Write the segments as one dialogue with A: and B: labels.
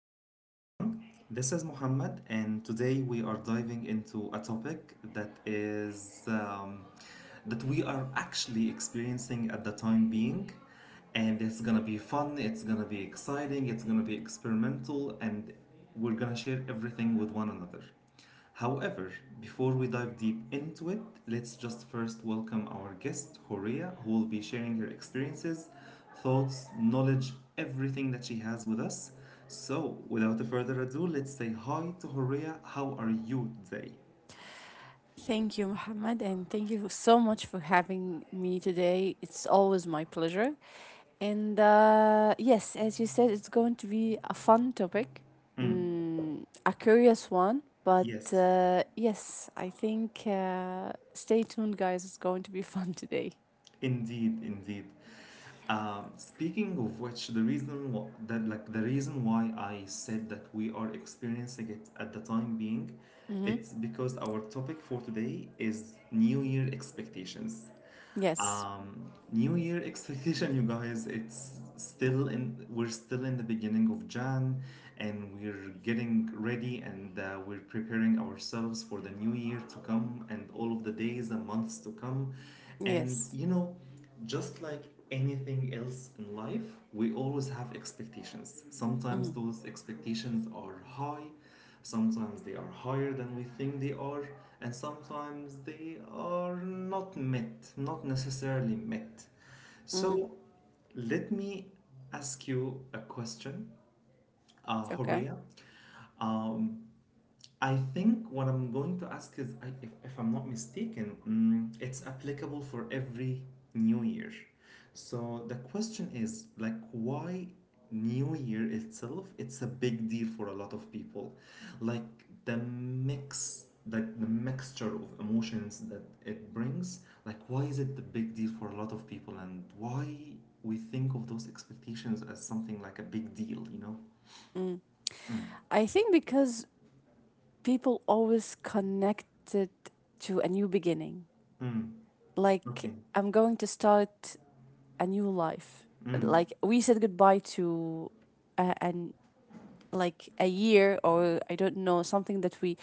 A: afternoon, everyone. This is Muhammad, and today we are diving into a topic that is that we are actually experiencing at the time being, and it's gonna be fun. It's gonna be exciting. It's gonna be experimental, and we're gonna share everything with one another. However, before we dive deep into it, let's just first welcome our guest, Horia, who will be sharing her experiences, thoughts, knowledge, everything that she has with us. So, without further ado, let's say hi to Horia. How are you today?
B: Thank you, Mohammed, and thank you so much for having me today. It's always my pleasure. And yes, as you said, it's going to be a fun topic,
A: Mm,
B: mm, a curious one. But
A: yes,
B: uh, yes, I think, stay tuned, guys. It's going to be fun today.
A: indeed. Speaking of which, the reason wh- that like the reason why I said that we are experiencing it at the time being,
B: Mm-hmm.
A: it's because our topic for today is New Year expectations.
B: Yes,
A: New Year expectation, you guys. It's still in. We're still in the beginning of Jan, and we're getting ready, and we're preparing ourselves for the new year to come, and all of the days and months to come. And
B: yes.
A: just like anything else in life, we always have expectations.
B: Mm-hmm.
A: Sometimes those expectations are high. Sometimes they are higher than we think they are, and sometimes they are not met, not necessarily met.
B: Mm-hmm.
A: So let me ask you a question,
B: Okay.
A: Horea. Um, I think what I'm going to ask is, if I'm not mistaken, it's applicable for every new year. So the question is, like, why New Year itself? It's a big deal for a lot of people. Like the mixture of emotions that it brings. Like, why is it the big deal for a lot of people, and why we think of those expectations as something like a big deal? You know?
B: Mm. I think because people always connect it to a new beginning,
A: Mm,
B: like
A: okay.
B: I'm going to start a new life.
A: Mm,
B: Like we said goodbye to a, an like a year, or I don't know, something that we,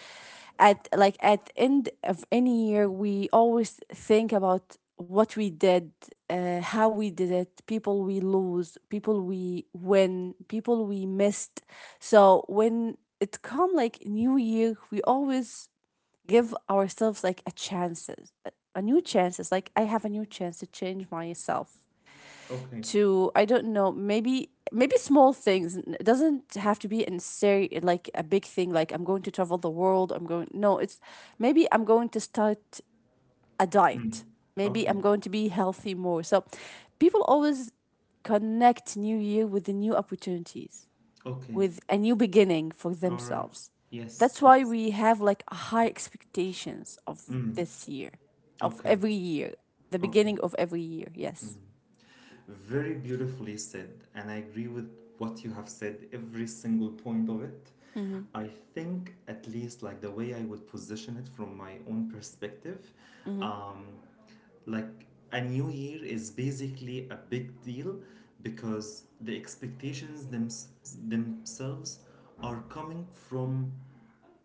B: at end of any year, we always think about what we did, how we did it, people we lose, people we win, people we missed. So when it come like new year, we always give ourselves like new chances. Like I have a new chance to change myself
A: okay.
B: to I don't know, maybe small things. It doesn't have to be in like a big thing like I'm going to travel the world, I'm going, no, it's maybe I'm going to start a diet.
A: Mm.
B: Maybe
A: Okay.
B: I'm going to be healthy more. So people always connect new year with the new opportunities,
A: Okay.
B: with a new beginning for
A: All right.
B: themselves. That's
A: Yes.
B: why
A: Yes.
B: we have like high expectations of
A: Mm.
B: this year, of
A: Okay.
B: every year, the
A: Okay.
B: beginning of every year. Yes.
A: Mm. Very beautifully said, and I agree with what you have said, every single point of it.
B: Mm-hmm.
A: I think, at least, like the way I would position it from my own perspective,
B: Mm-hmm.
A: um, like a new year is basically a big deal because the expectations themselves are coming from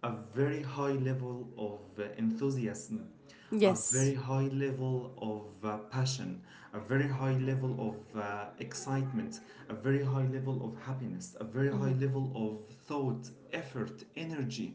A: a very high level of enthusiasm, a very
B: Yes.
A: high level of passion, a very high level of excitement, a very high level of happiness, a very high
B: Mm-hmm.
A: level of thought, effort, energy.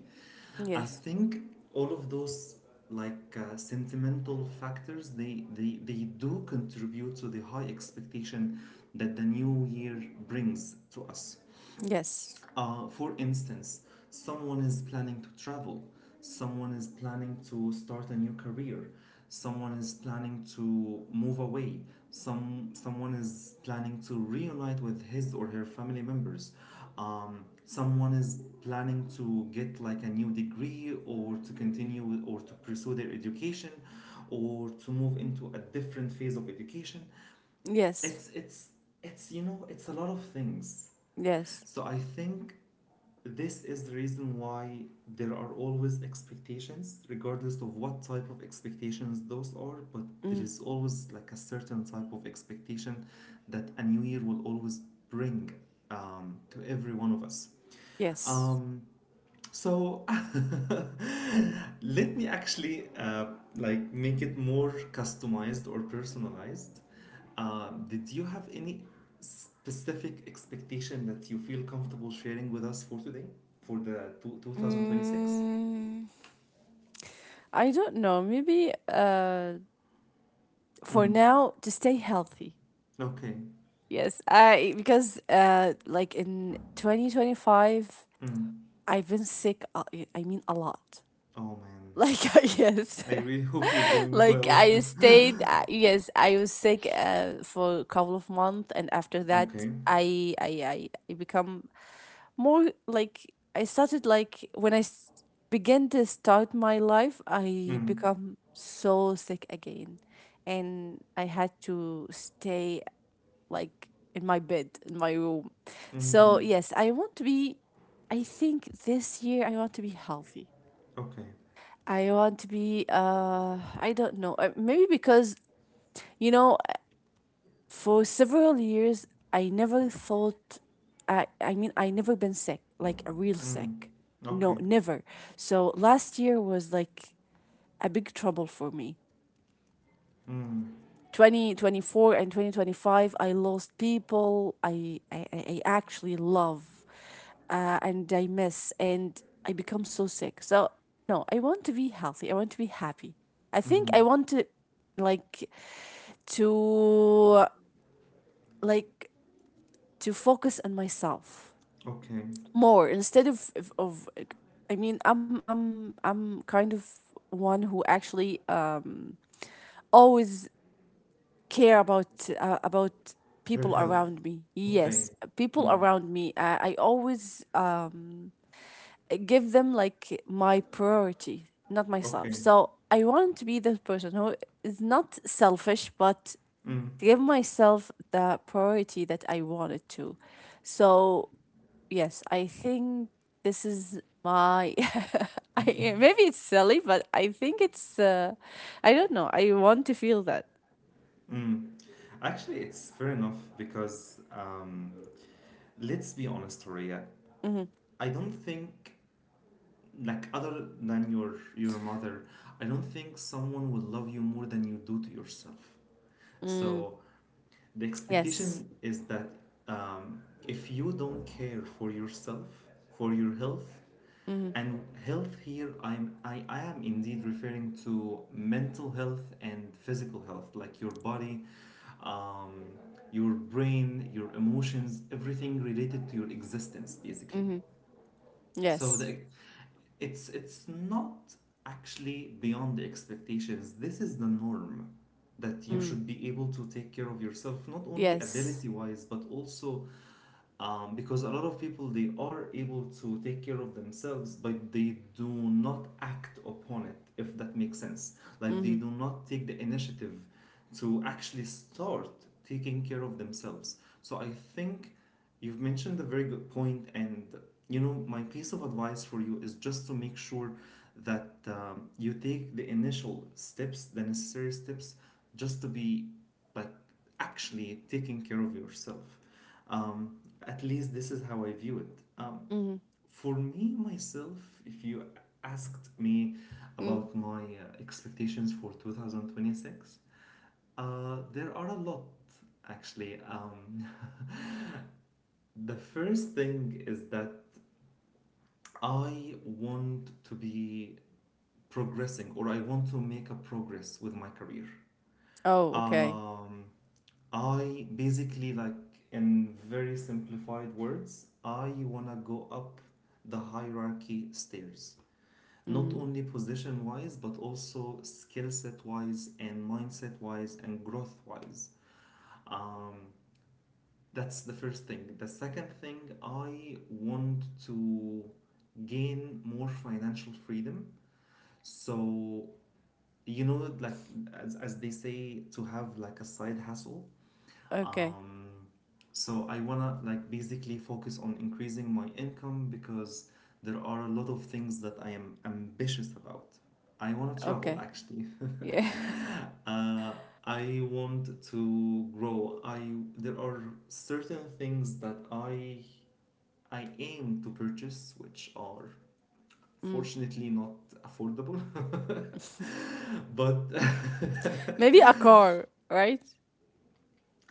A: I
B: Yes.
A: think all of those like sentimental factors they do contribute to the high expectation that the new year brings to us.
B: Yes.
A: Uh, for instance, someone is planning to travel, someone is planning to start a new career, someone is planning to move away, someone is planning to reunite with his or her family members, someone is planning to get like a new degree or to continue with, or to pursue their education or to move into a different phase of education.
B: Yes.
A: It's it's it's it's a lot of things.
B: Yes.
A: So I think this is the reason why there are always expectations, regardless of what type of expectations those are, but there
B: Mm.
A: is always like a certain type of expectation that a new year will always bring to every one of us.
B: Yes.
A: Um, so let me actually like make it more customized or personalized. Did you have any specific expectation that you feel comfortable sharing with us for today, for 2026?
B: Mm, I don't know. Maybe, for
A: Mm.
B: now, to stay healthy.
A: Okay.
B: Yes. I because like in 2025,
A: Mm.
B: I've been sick. I mean, a lot.
A: Oh man,
B: Like yes,
A: I really hope you're doing
B: like
A: well.
B: I stayed. Yes, I was sick for a couple of months, and after that,
A: okay.
B: I become more like I started like when I began to start my life, I
A: Mm.
B: become so sick again, and I had to stay like in my bed in my room. So
A: Mm.
B: yes, I want to be, I think this year I want to be healthy.
A: Okay.
B: I want to be I don't know maybe because you know for several years I never thought I mean I never been sick like a real
A: Mm.
B: sick, no,
A: Okay.
B: never. So last year was like a big trouble for me,
A: Mm.
B: 2024 and 2025. I lost people I actually love, and I miss, and I become so sick. So no, I want to be healthy, I want to be happy. I think I
A: Mm.
B: want to like to like to focus on myself
A: Okay.
B: more instead of I mean I'm kind of one who actually always care about
A: Her
B: people
A: health.
B: around me,
A: Okay.
B: yes, people
A: Mm.
B: around me. I always give them like my priority, not myself.
A: Okay.
B: So I want to be this person who is not selfish, but
A: Mm.
B: give myself the priority that I wanted to. So yes, I think this is my I, maybe it's silly, but I think it's, I don't know, I want to feel that.
A: Mm. Actually, it's fair enough because let's be honest, Horia.
B: Mhm.
A: I don't think, like other than your mother, I don't think someone will love you more than you do to yourself.
B: Mm,
A: So the
B: yes.
A: expectation is that um, if you don't care for yourself, for your health,
B: Mhm,
A: and health here, I am indeed referring to mental health and physical health, like your body, um, your brain, your emotions, everything related to your existence, basically.
B: mhm.
A: So
B: Yes.
A: it's not actually beyond the expectations. This is the norm that you
B: Mm.
A: should be able to take care of yourself, not only
B: Yes.
A: ability wise, but also because a lot of people they are able to take care of themselves but they do not act upon it if that makes sense. Like they
B: Mhm,
A: do not take the initiative to actually start taking care of themselves. So I think you've mentioned a very good point, and you know my piece of advice for you is just to make sure that you take the initial steps, the necessary steps, just to be like actually taking care of yourself. Um, at least this is how I view it.
B: mhm,
A: For me, myself, if you asked me
B: mm.
A: about my expectations for 2026, there are a lot actually. The first thing is that I want to be progressing, or I want to make a progress with my career.
B: Oh, okay.
A: Um, I basically like in very simplified words, I wanna go up the hierarchy stairs. Not
B: Mm.
A: only position wise, but also skill set wise and mindset wise and growth wise. Um, that's the first thing. The second thing, I want to gain more financial freedom. So, you know, like as they say, to have like a side hustle.
B: Okay.
A: Um, so I wanna like basically focus on increasing my income because there are a lot of things that I am ambitious about. I wanna travel
B: Okay.
A: actually.
B: Yeah.
A: uh, I want to grow. I There are certain things that I aim to purchase which are
B: Mm.
A: fortunately not affordable. but
B: Maybe a car, right?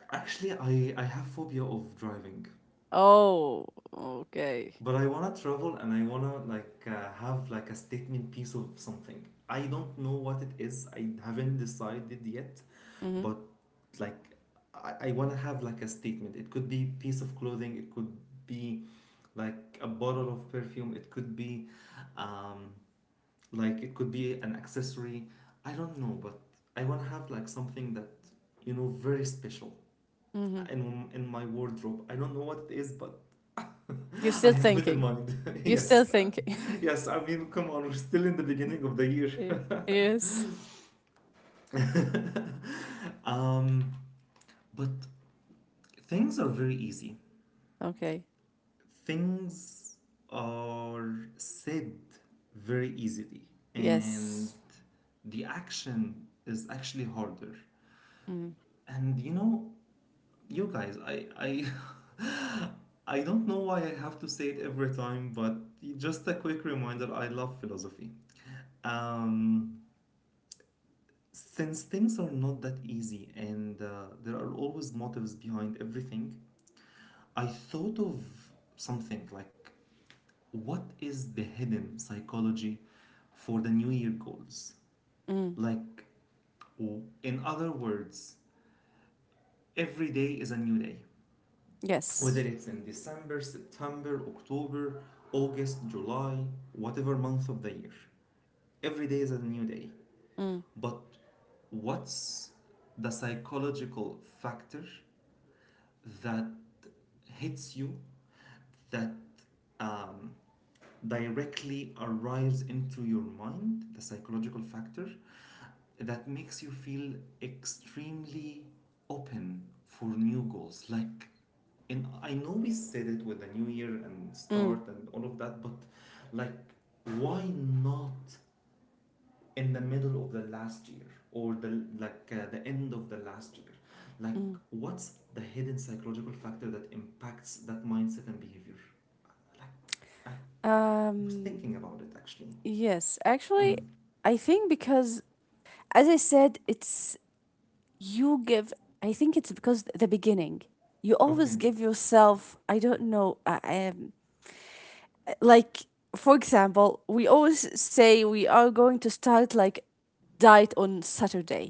A: actually I have phobia of driving.
B: Oh, okay.
A: But I wanna travel and I wanna like have like a statement piece of something. I don't know what it is. I haven't decided yet,
B: Mhm,
A: but like I wanna have like a statement. It could be piece of clothing. It could be like a bottle of perfume. It could be um, like it could be an accessory. I don't know, but I wanna have like something that you know very special
B: mhm.
A: in my wardrobe. I don't know what it is, but
B: You're
A: I
B: still
A: have it in
B: thinking.
A: mind.
B: You're still
A: yes,
B: thinking.
A: yes. I mean, come on, we're still in the beginning of the year.
B: Eh, yes.
A: um, but things are very easy.
B: Okay.
A: Things are said very easily, and
B: Yes.
A: the action is actually harder.
B: Mm.
A: And you know, you guys, I I don't know why I have to say it every time, but just a quick reminder, I love philosophy. Um, since things are not that easy and there are always motives behind everything, I thought of something like what is the hidden psychology for the new year goals?
B: Mm.
A: Like, in other words, every day is a new day. Whether
B: Yes.
A: it's in December, September, October, August, July, whatever month of the year. Every day is a new day.
B: Mm.
A: But what's the psychological factor that hits you, that um, directly arrives into your mind, the psychological factor, that makes you feel extremely open for new goals. Like, and I know we said it with the new year and
B: Mm.
A: start and all of that, but like, why not in the middle of the last year or the end of the last year like
B: Mm.
A: what's the hidden psychological factor that impacts that mindset and behavior like I was
B: Um,
A: thinking about it actually.
B: yes. Actually,
A: Mm.
B: I think because, as I said, it's you give, I think it's because the beginning, you always
A: Okay.
B: give yourself, I don't know, like, for example, we always say we are going to start like diet on Saturday.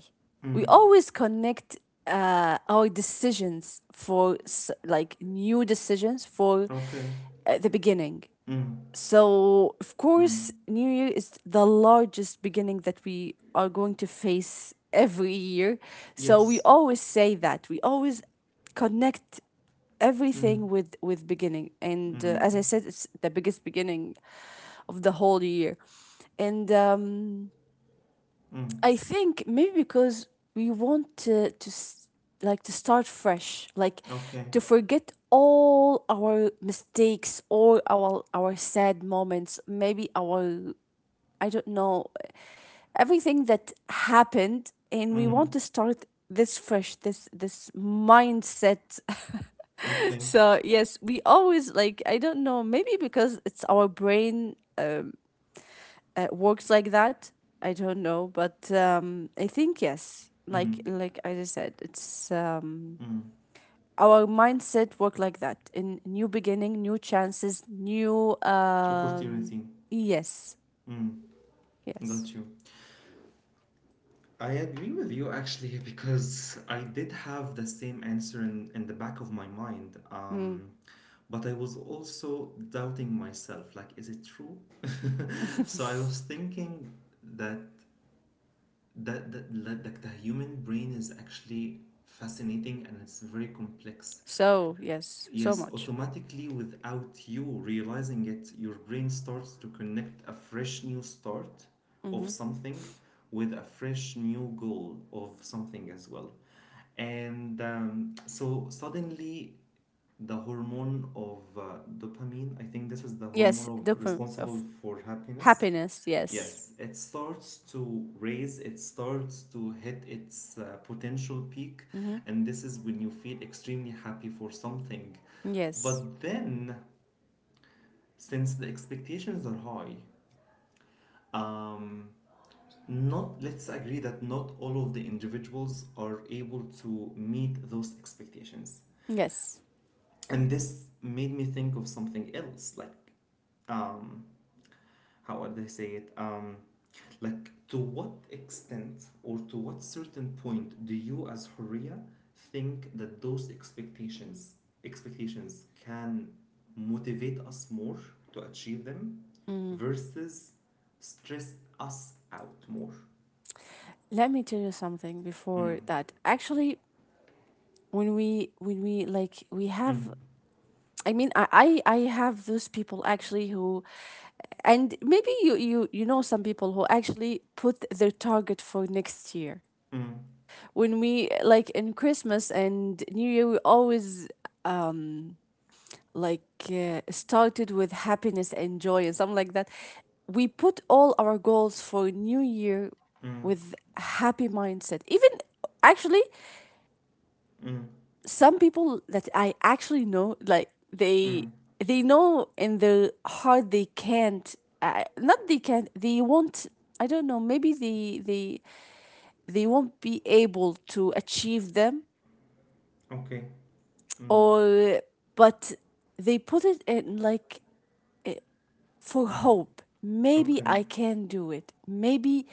B: We
A: Mm.
B: always connect our decisions for like new decisions for
A: Okay.
B: the beginning.
A: Mm.
B: So, of course,
A: Mm.
B: New Year is the largest beginning that we are going to face every year. So, we
A: Yes.
B: always say that. We always connect
A: Mm.
B: everything with beginning, and
A: Mm.
B: as I said, it's the biggest beginning of the whole year. And
A: Mm.
B: I think maybe because we want to like to start fresh, like
A: Okay.
B: to forget all our mistakes, all our sad moments, maybe our, I don't know, everything that happened, and we want
A: Mm.
B: to start this fresh, this mindset.
A: Okay.
B: So yes, we always, like, I don't know, maybe because it's our brain, um, works like that. I don't know, but I think yes. Like
A: Mm.
B: like I just said, it's
A: Mm.
B: our mindset work like that. In new beginning, new chances, new
A: Opportunity.
B: yes,
A: Mm.
B: yes.
A: Got you. I agree with you actually because I did have the same answer in the back of my mind.
B: Mm.
A: But I was also doubting myself like, is it true? so I was thinking that that the human brain is actually fascinating and it's very complex.
B: So yes, so
A: Yes,
B: much.
A: automatically without you realizing it, your brain starts to connect a fresh new start of
B: Mm-hmm.
A: something with a fresh new goal of something as well. And so suddenly, the hormone of dopamine, I think this is the hormone
B: Yes,
A: of
B: dopamine
A: responsible
B: of
A: for happiness.
B: happiness. Yes.
A: Yes, it starts to raise, it starts to hit its potential peak,
B: Mm-hmm.
A: and this is when you feel extremely happy for something.
B: Yes.
A: But then, since the expectations are high, um, not let's agree that not all of the individuals are able to meet those expectations.
B: Yes.
A: And this made me think of something else, like um, how would I say it? Like to what extent or to what certain point do you as Horia think that those expectations can motivate us more to achieve them versus stress us out more?
B: Let me tell you something before that. Actually, when we like we
A: Mm,
B: have, I mean, I have those people actually who, and maybe you know some people who actually put their target for next year.
A: mm,
B: When we, like in Christmas and New Year, we always um like started with happiness and joy and something like that. We put all our goals for New Year
A: mm,
B: with happy mindset. Even actually
A: mm,
B: some people that I actually know, like they
A: mm.
B: they know in their heart they can't. Not they can't. They won't. I don't know. Maybe they won't be able to achieve them,
A: Okay. Mm,
B: or, but they put it in like, eh, for hope. Maybe
A: okay.
B: I can do it. Maybe,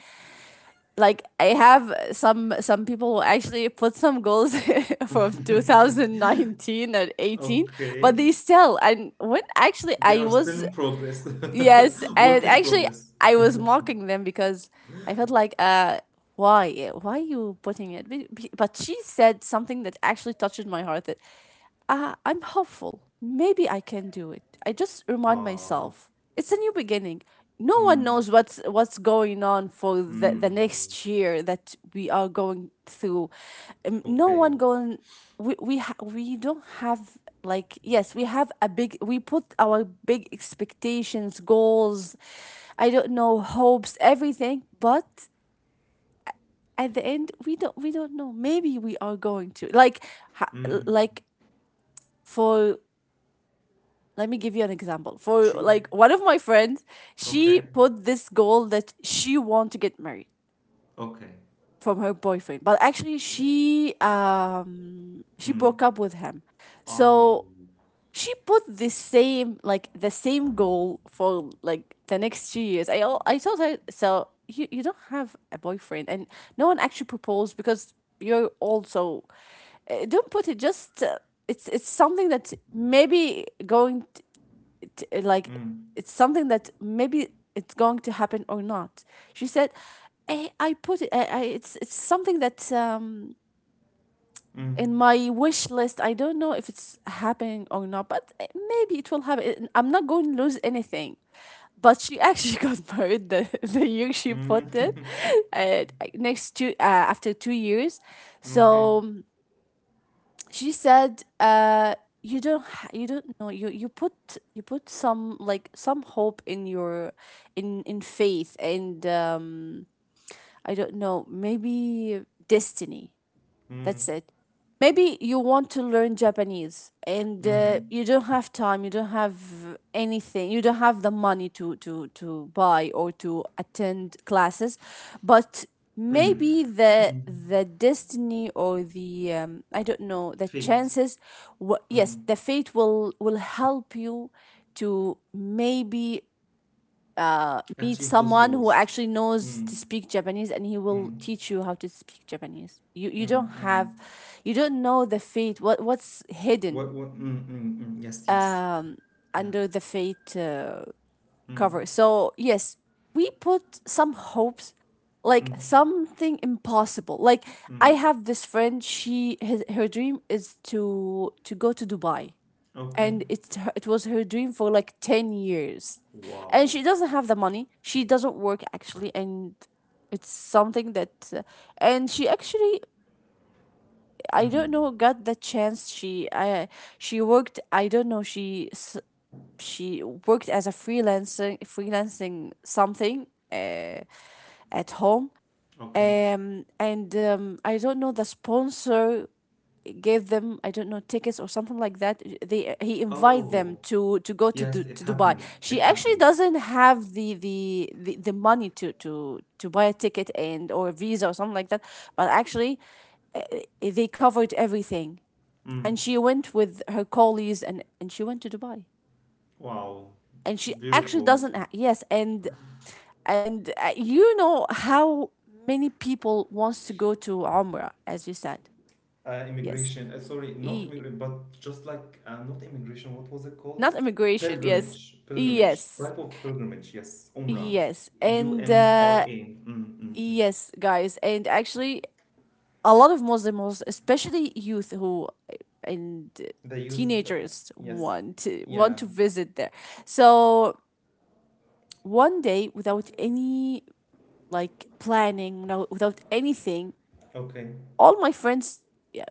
B: like I have some people who actually put some goals from 2019 and 18.
A: okay.
B: But they still, and when actually
A: They
B: I
A: are still
B: was,
A: in progress.
B: yes, and
A: Work in
B: actually,
A: progress.
B: I was mocking them because I felt like, why, eh, why are you putting it? But she said something that actually touched my heart. That I'm hopeful. Maybe I can do it. I just remind
A: Aww.
B: myself it's a new beginning. No one
A: Mm,
B: knows what's going on for the
A: mm,
B: next year that we are going through. No
A: okay.
B: one going, we don't have like, yes, we have a big, we put our big expectations, goals, I don't know, hopes, everything, but at the end we don't, we don't know. Maybe we are going to like ha-
A: Mm,
B: like for, let me give you an example, for
A: sure.
B: like one of my friends. She
A: Okay.
B: put this goal that she want to get married
A: Okay.
B: from her boyfriend, but actually she
A: Mm.
B: broke up with him.
A: Ow.
B: So she put the same, like the same goal for like the next 2 years. I told her, so you don't have a boyfriend and no one actually proposed because you're also, don't put it just, it's something that maybe like,
A: Mm,
B: it's something that maybe it's going to happen or not. She said, I put it, I it's something that
A: mm,
B: in my wish list. I don't know if it's happening or not, but eh, maybe it will happen. Eh, I'm not going to lose anything. But she actually got married the year she
A: mm.
B: put it, and next two after 2 years.
A: Okay.
B: So she said, "You don't, you don't know. You put, you put some like some hope in your, in faith and I don't know, maybe destiny."
A: Mm,
B: That's it. Maybe you want to learn Japanese and
A: mm.
B: you don't have time, you don't have anything, you don't have the money to buy or to attend classes, but maybe the destiny or the I don't know, the
A: Fate.
B: chances, yes,
A: Mm.
B: the fate will help you to maybe meet
A: Achieve those
B: someone who
A: goals.
B: actually knows
A: Mm,
B: to speak Japanese, and he will
A: mm,
B: teach you how to speak Japanese. You
A: mm,
B: don't have,
A: mm.
B: you don't know the fate, what's hidden
A: What, mm, mm, mm. Yes, yes.
B: um
A: Yeah.
B: under the fate
A: Mm,
B: cover. So yes, we put some hopes like
A: mm,
B: something impossible. Like I
A: mm.
B: have this friend, her dream is to go to Dubai,
A: Okay.
B: and it's it was her dream for like 10 years, and
A: Wow.
B: she doesn't have the money, she doesn't work actually, and it's something that, and she actually, I don't
A: Mm,
B: know, got the chance. She she worked, I don't know, she worked as a freelancer, freelancing something, at home,
A: okay.
B: and I don't know, the sponsor gave them, I don't know, tickets or something like that. They, he invite them
A: Oh,
B: to go to
A: yes, it
B: To Dubai.
A: happens.
B: She
A: It
B: actually
A: happens.
B: doesn't have the money to buy a ticket, and or a visa or something like that. But actually, uh, they covered everything, and
A: Mm.
B: she went with her colleagues and she went to Dubai.
A: Wow,
B: And she actually
A: beautiful.
B: doesn't. Yes, and you know how many people wants to go to Umrah, as you said. Yes.
A: Immigration, sorry, not
B: E-
A: immigration, but just like, not immigration, what was it called?
B: Not immigration. Yes,
A: Pilgrimage, pilgrimage,
B: yes,
A: type of pilgrimage, yes, Umrah,
B: yes.
A: U
B: and
A: M R
B: uh
A: A. Mm, mm, mm.
B: yes, guys, and actually, a lot of Muslims, especially youth who and
A: The youth,
B: teenagers
A: yes,
B: want to want
A: yeah,
B: to visit there. So one day without any, like, planning. No, without anything.
A: okay,
B: All my friends, yeah.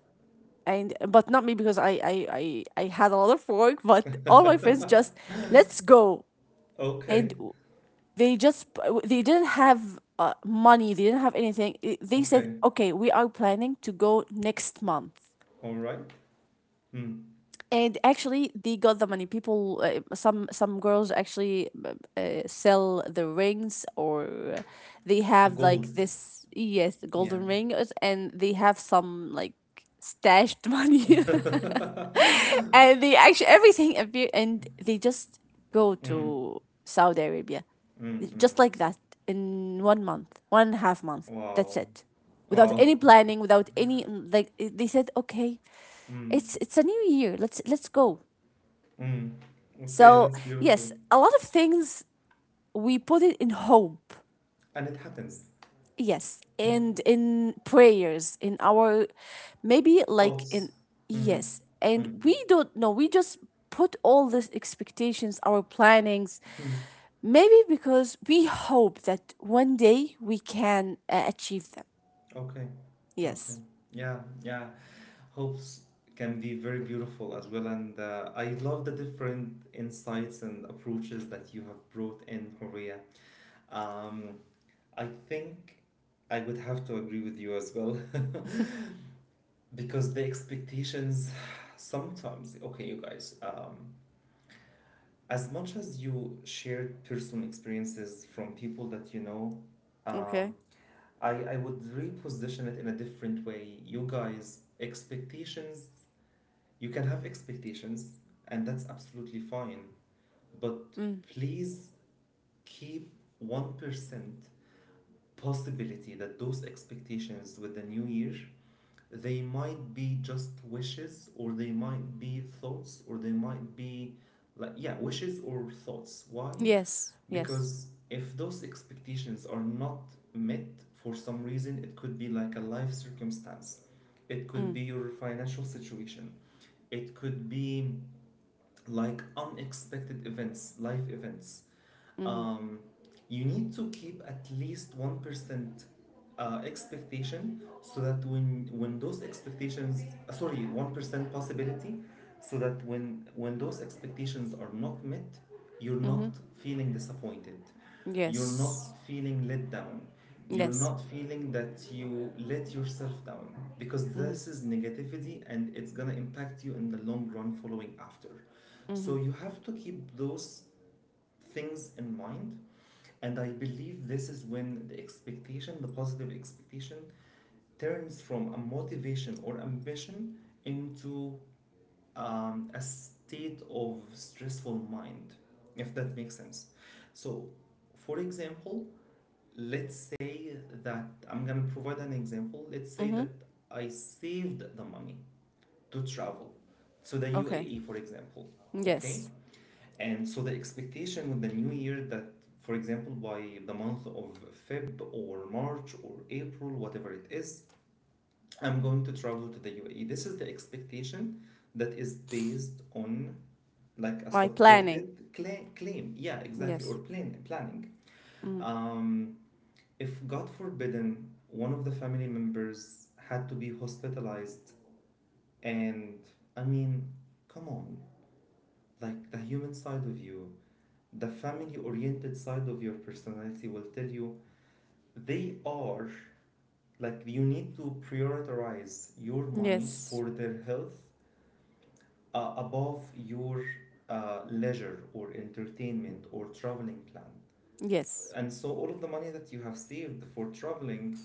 B: And but not me, because I had a lot of work, but all my friends just, "Let's go."
A: okay,
B: And they just they didn't have money, they didn't have anything. They said,
A: okay,
B: "Okay, we are planning to go next month."
A: all right. Mm.
B: And actually, they got the money. People, some girls actually, sell the rings, or they
A: The
B: have, like,
A: gold,
B: this, yes, the
A: yeah.
B: golden ring and they have some, like, stashed money.
A: mm,
B: And they actually, everything appear, and they just go
A: mm,
B: to Saudi Arabia,
A: mm.
B: just like that, in 1 month, 1.5 month. That's
A: Wow,
B: it. Without any
A: wow.
B: planning, without any, like, they said, "Okay,
A: Mm.
B: it's a new year. Let's go."
A: Mm. Okay,
B: So
A: that's
B: yes,
A: beautiful.
B: a lot of things we put it in hope.
A: And it happens.
B: Yes, and in prayers, in our, maybe, like, in,
A: Thoughts. Mm.
B: yes, and
A: Mm.
B: we don't know. We just put all these expectations, our plannings,
A: Hmm.
B: maybe because we hope that one day we can achieve them.
A: Okay. Okay.
B: Yes.
A: Yeah, yeah. Hopes can be very beautiful as well. And I love the different insights and approaches that you have brought in, Horia. Um, I think I would have to agree with you as well. Because the expectations sometimes, okay, you guys, as much as you shared personal experiences from people that you know, um,
B: Okay.
A: I would reposition it in a different way. You guys, expectations, you can have expectations, and that's absolutely fine. But
B: Mm.
A: please keep 1% possibility that those expectations with the new year, they might be just wishes, or they might be thoughts, or they might be like, yeah, wishes or thoughts. Why?
B: Yes. Yes.
A: Because if those expectations are not met for some reason, it could be like a life circumstance, it could
B: Mm.
A: be your financial situation, it could be like unexpected events, life events,
B: Mhm.
A: um, you need to keep at least 1% expectation so that when those expectations, sorry, 1% possibility so that when those expectations are not met. You're not
B: Mhm.
A: feeling disappointed, you're
B: Yes.
A: not feeling let down, you're
B: Yes.
A: not feeling that you let yourself down, because
B: Mhm.
A: this is negativity and it's going to impact you in the long run following after. So
B: Mhm.
A: you have to keep those things in mind, and I believe this is when the expectation, the positive expectation, turns from a motivation or ambition into, a state of stressful mind, if that makes sense. So, for example, let's say that I'm gonna provide an example. Let's say that
B: Mhm.
A: I saved the money to travel to the
B: Okay.
A: UAE, for example. Okay,
B: Yes.
A: and so the expectation with the new year that, for example, by the month of Feb or March or April, whatever it is, I'm going to travel to the UAE. This is the expectation that is based on like a
B: My planning.
A: supported claim. Yeah, exactly,
B: Yes.
A: or planning.
B: Mm.
A: Um, if God forbidden, one of the family members had to be hospitalized, and I mean, come on, like the human side of you, the family oriented side of your personality will tell you they are, like, you need to prioritize your money
B: Yes.
A: for their health, above your leisure or entertainment or traveling plan.
B: Yes.
A: And so all of the money that you have saved for traveling,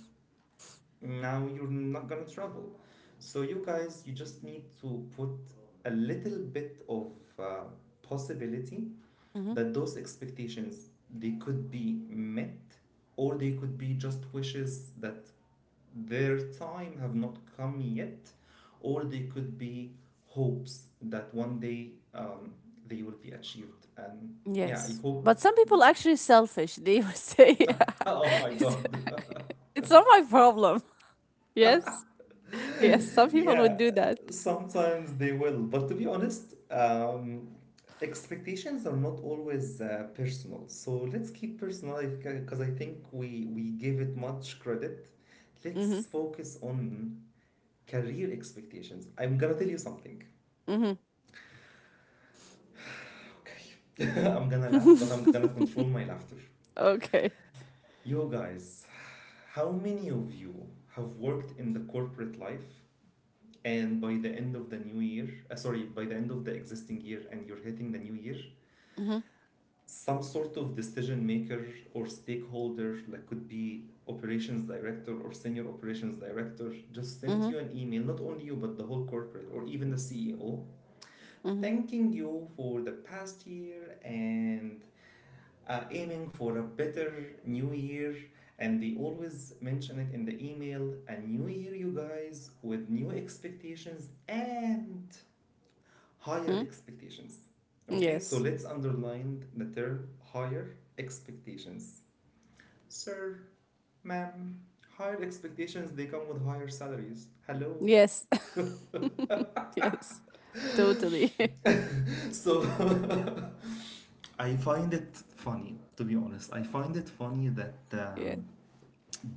A: now you're not gonna travel. So you guys, you just need to put a little bit of, uh, possibility
B: Mhm.
A: that those expectations, they could be met, or they could be just wishes that their time have not come yet, or they could be hopes that one day, they will be achieved. And yeah, I
B: Yes.
A: hope.
B: But some people actually selfish. They would say,
A: Oh my
B: it's,
A: god.
B: it's not my problem. Yes. Yes. Some people would
A: Yeah,
B: do that.
A: sometimes they will. But to be honest, expectations are not always personal. So let's keep personal because I think we give it much credit. Let's
B: Mhm.
A: focus on career expectations. I'm gonna tell you something.
B: Mhm.
A: Okay. I'm gonna laugh, but I'm gonna control my laughter.
B: Okay.
A: You guys, how many of you have worked in the corporate life, and by the end of the new year, sorry, by the end of the existing year and you're hitting the new year,
B: Mhm.
A: some sort of decision maker or stakeholder, like could be operations director or senior operations director, just sent
B: Mhm.
A: you an email, not only you but the whole corporate or even the CEO,
B: Mhm.
A: thanking you for the past year and aiming for a better new year. And they always mention it in the email a new year, you guys, with new expectations and
B: Mhm.
A: higher expectations. Okay,
B: Yes.
A: so let's underline the term higher expectations. Sir, ma'am, higher expectations, they come with higher salaries. Hello.
B: Yes. Yes. Totally.
A: So I find it funny, to be honest. I find it funny that,
B: Yeah.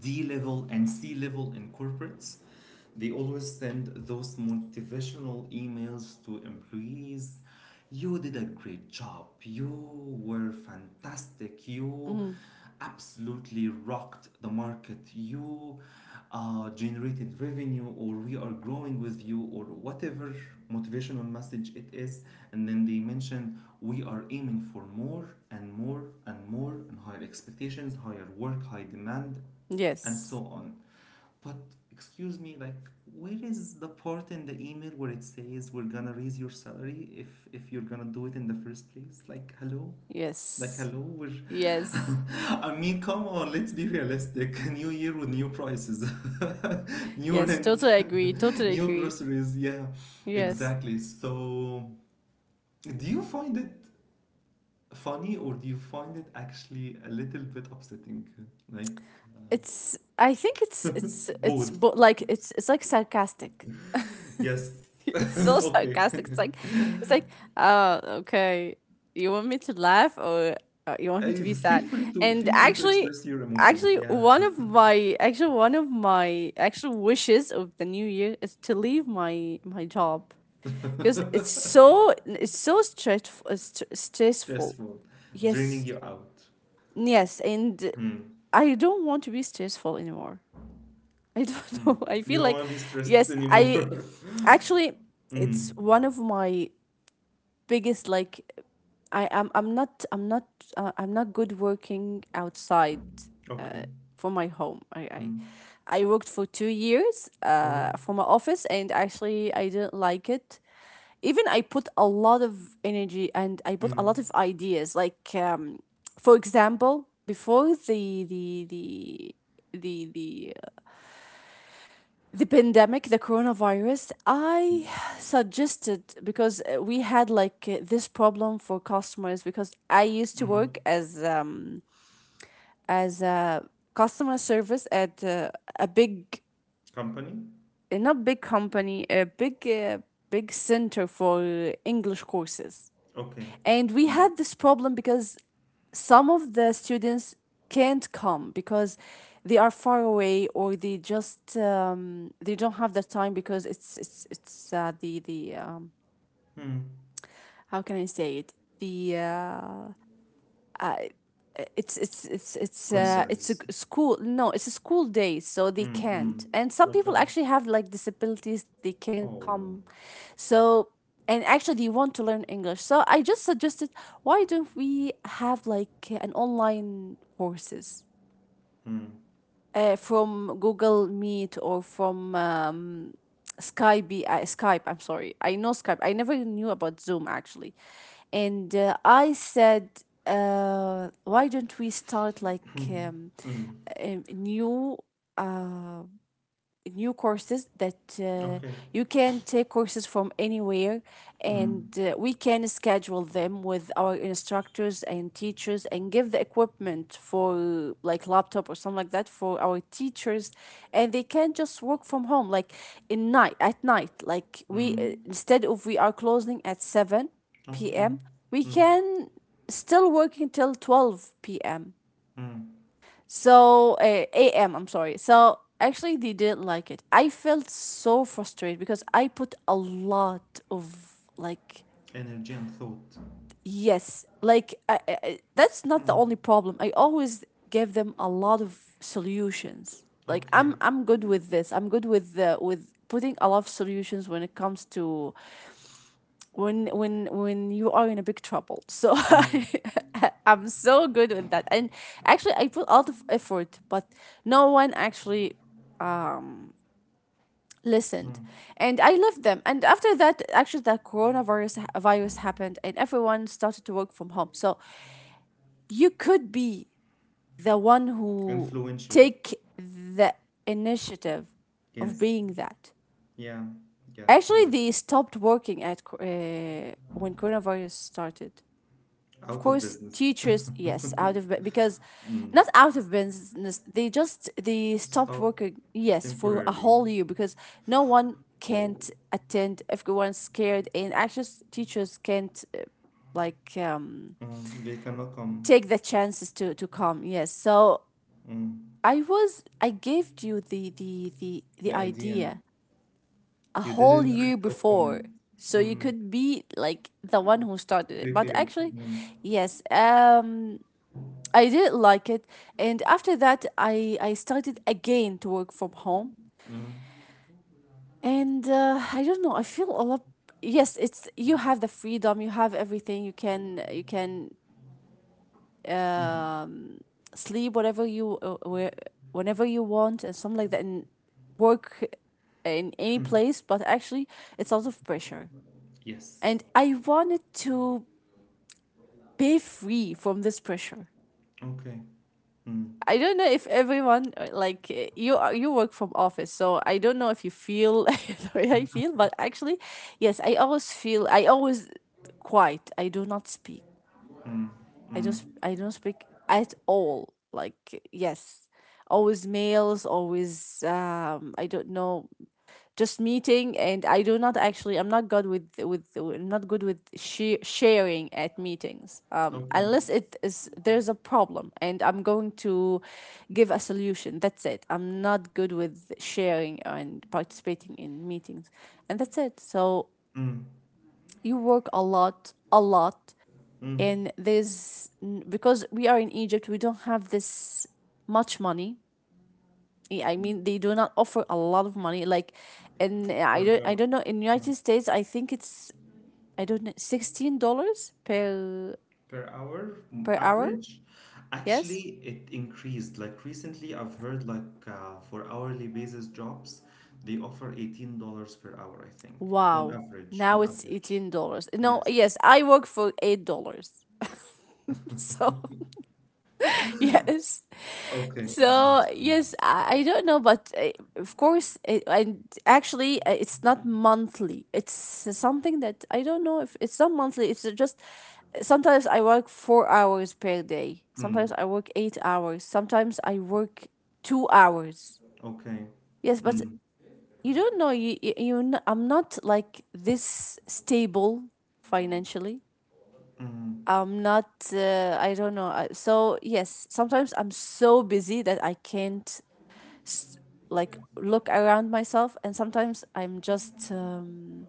A: D level and C level in corporates, they always send those motivational emails to employees. You did a great job. You were fantastic. You
B: Mm.
A: absolutely rocked the market. You generated revenue, or we are growing with you, or whatever motivational message it is. And then they mentioned we are aiming for more and more and more and higher expectations, higher work, high demand, and so
B: Yes.
A: on. But excuse me, like, where is the part in the email where it says we're gonna raise your salary if you're gonna do it in the first place? Like, hello? Like,
B: Yes.
A: hello, we're,
B: Yes.
A: I mean, come on, let's be realistic. New year with new prices. New
B: Yes.
A: rent,
B: Totally agree. Totally
A: new
B: agree.
A: groceries, yeah.
B: Yes.
A: Exactly. So do you find it funny, or do you find it actually a little bit upsetting? Like,
B: It's I think it's it's it's
A: both.
B: bo like, it's it's like sarcastic.
A: Yes.
B: It's so
A: Okay.
B: sarcastic. It's like, "Oh, okay. You want me to laugh, or, you want me to be
A: Feel
B: sad?"
A: free to
B: And
A: feel free to
B: actually,
A: express your emotions. Yeah,
B: one of my actual wishes of the new year is to leave my job, because it's so it's so stressful. stressful.
A: stressful, draining
B: Yes.
A: you out.
B: Yes, and
A: Mm.
B: I don't want to be stressful anymore. I don't know.
A: Mm.
B: I
A: You
B: feel
A: don't
B: like,
A: want to be stressed
B: yes, I
A: anymore.
B: actually, it's
A: Mm.
B: one of my biggest, like. I am. I'm not. I'm not good working outside. Uh,
A: Okay.
B: for my home. I, I
A: Mm.
B: I worked for 2 years.
A: All right.
B: For my office, and actually, I didn't like it. Even I put a lot of energy, and I put a
A: Mm.
B: lot of ideas. Like, for example, before the the the pandemic, the coronavirus, I suggested, because we had, like, this problem for customers, because I used to
A: Mm.
B: work as a customer service at a big,
A: Company.
B: not big company, a big, big center for English courses.
A: Okay.
B: And we
A: Mm.
B: had this problem because some of the students can't come, because they are far away, or they don't have the time, because it's the
A: Mm.
B: how can I say it, the uh, it's a
A: Concerns.
B: g- school. No, it's a school day, so they
A: Mm. Mm.
B: can't. And some people
A: Okay.
B: actually have, like, disabilities, they can't
A: Oh.
B: come. So, and actually, they want to learn English. So I just suggested, why don't we have, like, an online courses,
A: Mm.
B: from Google Meet, or from Skype? Skype, I'm sorry. I know Skype. I never knew about Zoom, actually. And I said, why don't we start, like,
A: Mm.
B: a uh, new courses that
A: Okay.
B: you can take courses from anywhere,
A: Mm.
B: and we can schedule them with our instructors and teachers, and give the equipment for, like, laptop or something like that, for our teachers, and they can just work from home, like, in night, at night, like, we,
A: Mm.
B: instead of, we are closing at 7
A: Okay.
B: p.m. we
A: Mm.
B: can still work until 12 p.m.
A: Mm.
B: So, a.m., I'm sorry. So, actually, they didn't like it. I felt so frustrated, because I put a lot of, like,
A: Energy and thought.
B: yes, like, that's not the
A: Mm.
B: only problem. I always give them a lot of solutions. Like,
A: Okay.
B: I'm good with this. I'm good with with putting a lot of solutions, when it comes to, when you are in a big trouble, so
A: Mm.
B: I'm so good with that. And actually, I put a lot of effort, but no one actually, um listened.
A: Mm.
B: And I left them, and after that, actually, the coronavirus virus happened, and everyone started to work from home. So you could be the one who
A: Influential.
B: take the initiative of
A: Yes.
B: being that.
A: Yeah. Yeah.
B: Actually,
A: Yeah.
B: they stopped working at when coronavirus started. Of
A: Out of
B: course,
A: business.
B: teachers, yes, out of because
A: Mm.
B: not out of business, they stopped
A: Stop
B: working, yes, for a
A: temporarily.
B: whole year, because no one
A: Oh.
B: can't attend, everyone's scared, and actually, teachers can't like,
A: Mm. They cannot come.
B: take the chances to come. Yes, so
A: Mm.
B: I gave you the
A: The idea.
B: idea a
A: You
B: whole
A: didn't
B: year
A: act upon
B: before.
A: it.
B: So you
A: Mm.
B: could be like the one who started it. But
A: Prepared.
B: actually,
A: Mm.
B: yes. I did like it. And after that, I started again to work from home.
A: Mm.
B: And I don't know. I feel a lot. Yes, it's, you have the freedom, you have everything. You can
A: Mm.
B: um, sleep whatever you, where whenever you want, and something like that, and work in any place. But actually, it's a lot of pressure,
A: Yes.
B: and I wanted to be free from this pressure.
A: Okay. Mm.
B: I don't know if everyone, like, you work from office, so I don't know if you feel the way I feel, but actually, yes, I always quiet. I do not speak.
A: Mm.
B: I don't speak at all. Like, yes, always males, always, I don't know. Just meeting, and I do not actually, I'm not good with she sharing at meetings,
A: Okay.
B: unless it is there's a problem, and I'm going to give a solution. That's it. I'm not good with sharing and participating in meetings, and that's it. So
A: Mm.
B: you work a lot, a lot,
A: Mm.
B: and because we are in Egypt, we don't have this much money. Yeah, I mean, they do not offer a lot of money. Like, and I
A: For
B: don't I
A: jobs.
B: don't know, in United States, I think it's, I don't know $16 per
A: Per hour, mm,
B: per hour.
A: average. Actually,
B: Yes.
A: it increased, like, recently I've heard, like, for hourly basis jobs, they offer $18 per hour, I think, on
B: Wow.
A: average
B: Now
A: on
B: it's
A: average
B: $18. No.
A: Yes.
B: Yes, I work for $8. So yes,
A: Okay, got
B: so
A: you.
B: yes, I don't know, but of course it, and actually, it's not monthly, it's something that I don't know, if it's not monthly, it's just, sometimes I work 4 hours per day,
A: Mm,
B: sometimes I work 8 hours, sometimes I work 2 hours,
A: okay.
B: yes. But
A: Mm,
B: you don't know, I'm not like this stable financially.
A: mm,
B: I'm not, I don't know. So yes, sometimes I'm so busy that I can't, s- like, look around myself. And sometimes I'm just,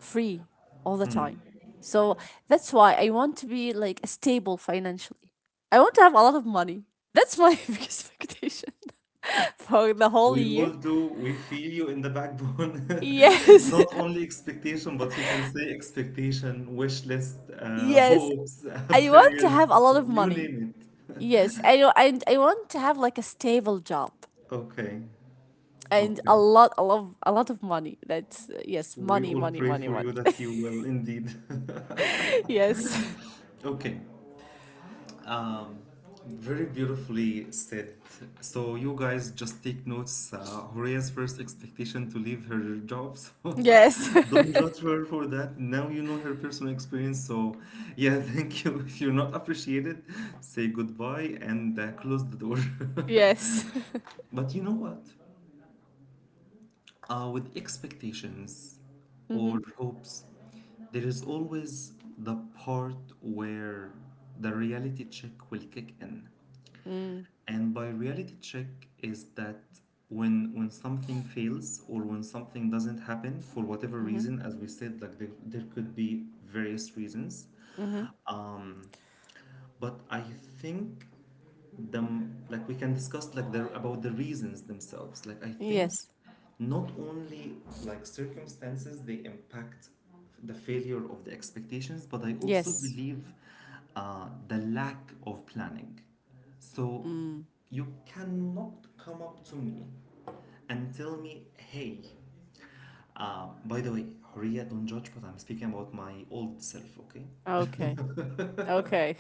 B: free all the time.
A: mm.
B: So that's why I want to be, like, stable financially. I want to have a lot of money. That's my biggest expectation for the whole
A: We all
B: year.
A: do. We feel you in the backbone.
B: Yes.
A: Not only expectation, but you can say expectation, wish list,
B: Yes,
A: hopes,
B: I want to
A: prayers,
B: have a lot of
A: you
B: money.
A: name it.
B: Yes, I know. And I want to have, like, a stable job,
A: Okay,
B: and a
A: okay.
B: lot, a lot, a lot of money. That's, yes,
A: We
B: money,
A: all
B: money,
A: pray
B: money,
A: for
B: money.
A: you that you will indeed.
B: Yes.
A: Okay. Um, Very beautifully said. So you guys just take notes. Horea's first expectation to leave her job, so
B: Yes.
A: don't judge her for that. Now you know her personal experience. So yeah, thank you. If you're not appreciated, say goodbye and, close the door.
B: Yes.
A: But you know what? With expectations
B: Mm-hmm.
A: or hopes, there is always the part where the reality check will kick in.
B: Mm,
A: And by reality check is that when something fails or when something doesn't happen for whatever
B: mm-hmm.
A: reason, as we said, like, there could be various reasons.
B: Mm-hmm.
A: Um, but I think them, like we can discuss like the about the reasons themselves, like I think
B: Yes.
A: not only like circumstances, they impact the failure of the expectations, but I also
B: Yes.
A: believe, the lack of planning. So
B: Mm.
A: you cannot come up to me and tell me, hey, by the way Horia, don't judge but I'm speaking about my old self, okay.
B: Okay. Okay.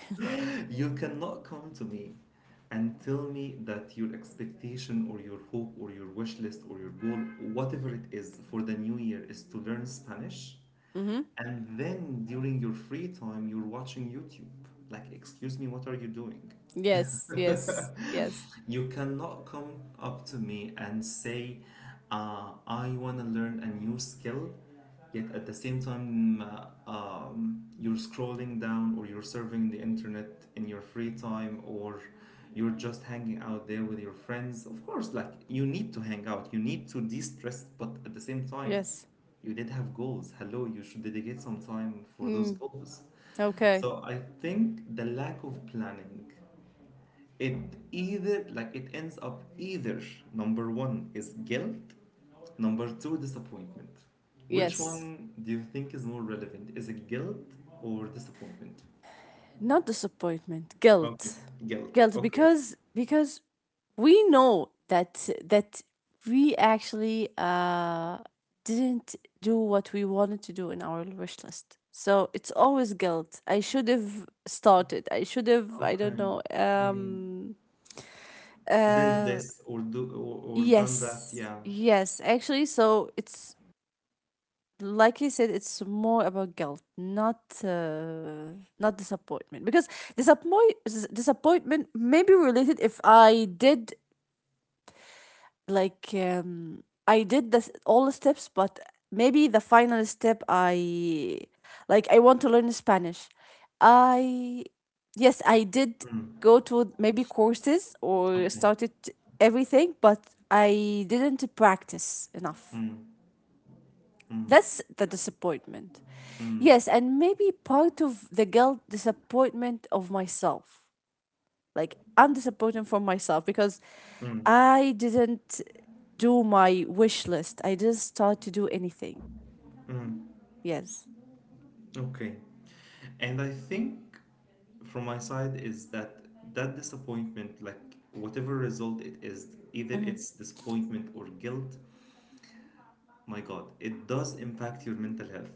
A: You cannot come to me and tell me that your expectation or your hope or your wish list or your goal, whatever it is for the new year, is to learn Spanish.
B: Mm-hmm.
A: And then during your free time, you're watching YouTube. Like, excuse me, what are you doing?
B: Yes. Yes. Yes.
A: You cannot come up to me and say, I want to learn a new skill, yet at the same time, you're scrolling down or you're surfing the internet in your free time, or you're just hanging out there with your friends. Of course, like you need to hang out, you need to de stress, but at the same time,
B: Yes.
A: you did have goals. Hello, you should dedicate some time for those
B: Mm.
A: goals.
B: Okay.
A: So I think the lack of planning, it either, like, it ends up either number one is guilt, number two disappointment. Which one
B: Yes.
A: do you think is more relevant? Is it guilt or disappointment?
B: Not disappointment,
A: Okay,
B: guilt.
A: guilt.
B: Guilt,
A: Okay,
B: because we know that we actually, didn't do what we wanted to do in our wish list. So it's always guilt, I should have started, I should have, I don't
A: okay.
B: know,
A: Hmm. Did
B: uh
A: this or done that,
B: yes,
A: yeah.
B: yes actually. So it's like you said, it's more about guilt, not disappointment. Because disappoint disappointment may be related, if I did, like, I did this, all the steps, but maybe the final step, I want to learn Spanish. I Yes, I did
A: Hmm.
B: go to maybe courses or
A: Okay.
B: started everything, but I didn't practice enough.
A: Hmm. Hmm.
B: That's the disappointment.
A: Hmm.
B: Yes, and maybe part of the guilt, disappointment of myself. Like, I'm disappointed for myself, because
A: Hmm.
B: I didn't do my wish list. I didn't start to do anything.
A: Hmm.
B: Yes.
A: Okay. And I think from my side is that that disappointment, like whatever result it is, either
B: Mm-hmm.
A: it's disappointment or guilt, my God, it does impact your mental health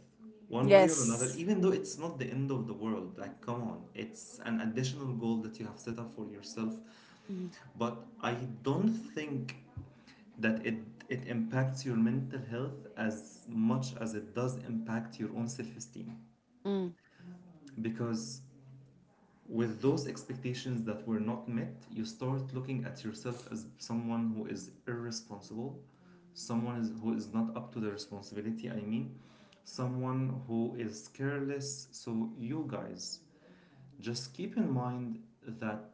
A: one way or another,
B: Yes.
A: even though it's not the end of the world. Like, come on, it's an additional goal that you have set up for yourself.
B: Mm-hmm.
A: But I don't think that it impacts your mental health as much as it does impact your own self-esteem, because with those expectations that were not met, you start looking at yourself as someone who is irresponsible, someone is, who is not up to the responsibility, I mean, someone who is careless. So, you guys, just keep in mind that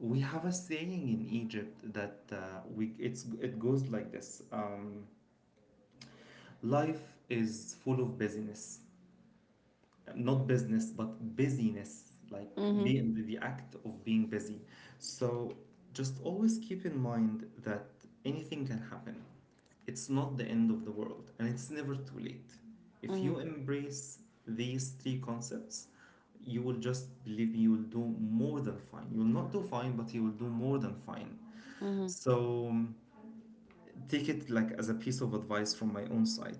A: we have a saying in Egypt that it goes like this: life is full of busyness, not business but busyness, like
B: Mm-hmm.
A: being the act of being busy. So just always keep in mind that anything can happen. It's not the end of the world, and it's never too late. If
B: Mm-hmm.
A: you embrace these three concepts, you will just, believe me, you will do more than fine. You will not do fine, but you will do more than fine.
B: Mm-hmm.
A: So take it like as a piece of advice from my own side.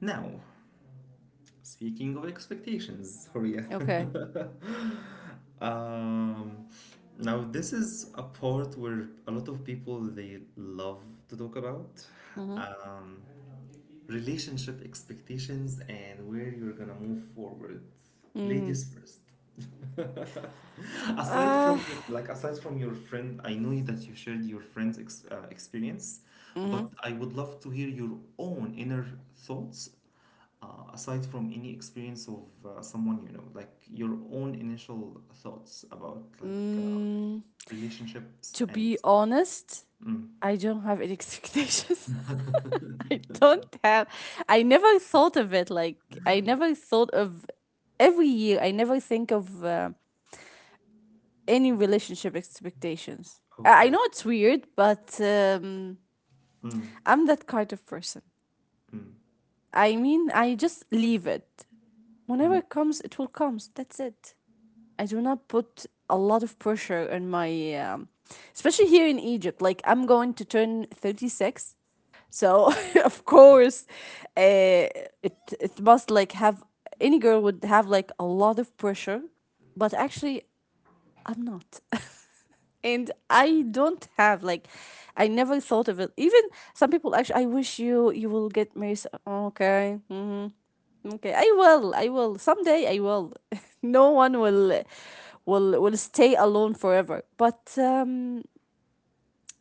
A: Now, speaking of expectations, Horia.
B: Okay.
A: Um, Now this is a part where a lot of people, they love to talk about,
B: Mm-hmm.
A: um, relationship expectations and where you're gonna move forward.
B: Mm-hmm.
A: Ladies first. Aside
B: Uh,
A: from you, like aside from your friend, I know that you shared your friend's ex experience,
B: mm-hmm.
A: but I would love to hear your own inner thoughts, aside from any experience of someone you know, like your own initial thoughts about
B: Mm,
A: relationships
B: to
A: and
B: be honest, I don't have any expectations. I don't have. I never thought of it. Like, I never thought of, every year, I never think of, any relationship expectations. I
A: okay.
B: know it's weird, but,
A: Mm,
B: I'm that kind of person.
A: mm.
B: I mean, I just leave it. Whenever it comes, it will come. That's it. I do not put a lot of pressure on my, um, especially here in Egypt. Like, I'm going to turn 36. So of course, uh, it must, like, have, any girl would have like a lot of pressure, but actually, I'm not. And I don't have like I never thought of it. Even some people actually, I wish you will get married. So- Okay. Okay. I will. I will. Someday I will. No one will stay alone forever. But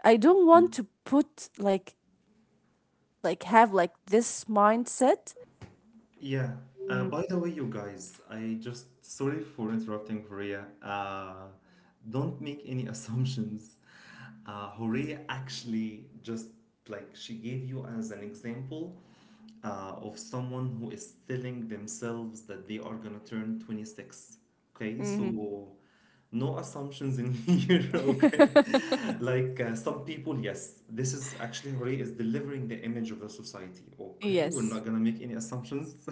B: I don't want to put like have like this mindset.
A: Yeah.
B: Mm,
A: By the way, you guys, I just, sorry for interrupting Horea. Don't make any assumptions. Horea actually just, like, she gave you as an example of someone who is telling themselves that they are gonna turn 26. Okay,
B: hmm
A: so no assumptions in here, okay? Like, some people, yes, this is actually Hooray is delivering the image of the society. Okay, we're
B: yes.
A: not gonna make any assumptions.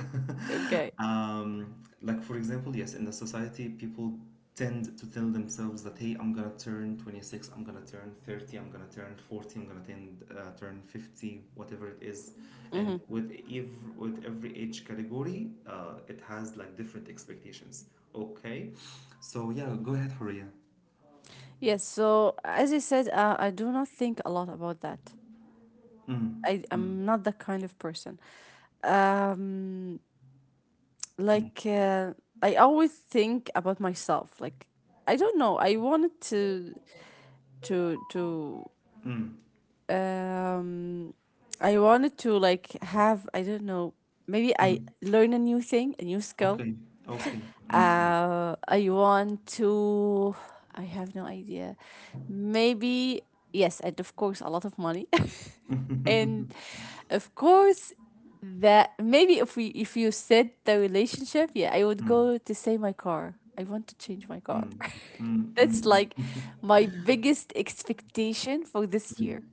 B: Okay.
A: um like, for example, yes, in the society, people tend to tell themselves that, hey, I'm gonna turn 26, I'm gonna turn 30, I'm gonna turn 40, I'm gonna turn 50, whatever it is.
B: Mm-hmm.
A: And with every age category, it has like different expectations. Okay. So yeah, go ahead, Horia.
B: Yes. So as I said, I do not think a lot about that.
A: Mm,
B: I
A: mm,
B: am not that kind of person. Um,
A: mm,
B: like I always think about myself. Like I don't know. I wanted to to to
A: mm,
B: um. I wanted to like have I don't know. Maybe I
A: mm.
B: learn a new thing, a new skill.
A: Okay, okay. Mm,
B: I want to. I have no idea. Maybe yes, and of course, a lot of money,
A: mm.
B: and of course that maybe if you said the relationship, yeah, I would go to say my car. I want to change my
A: Mm,
B: car.
A: mm, mm,
B: That's
A: mm,
B: like
A: mm.
B: my biggest expectation for this
A: Mm.
B: year.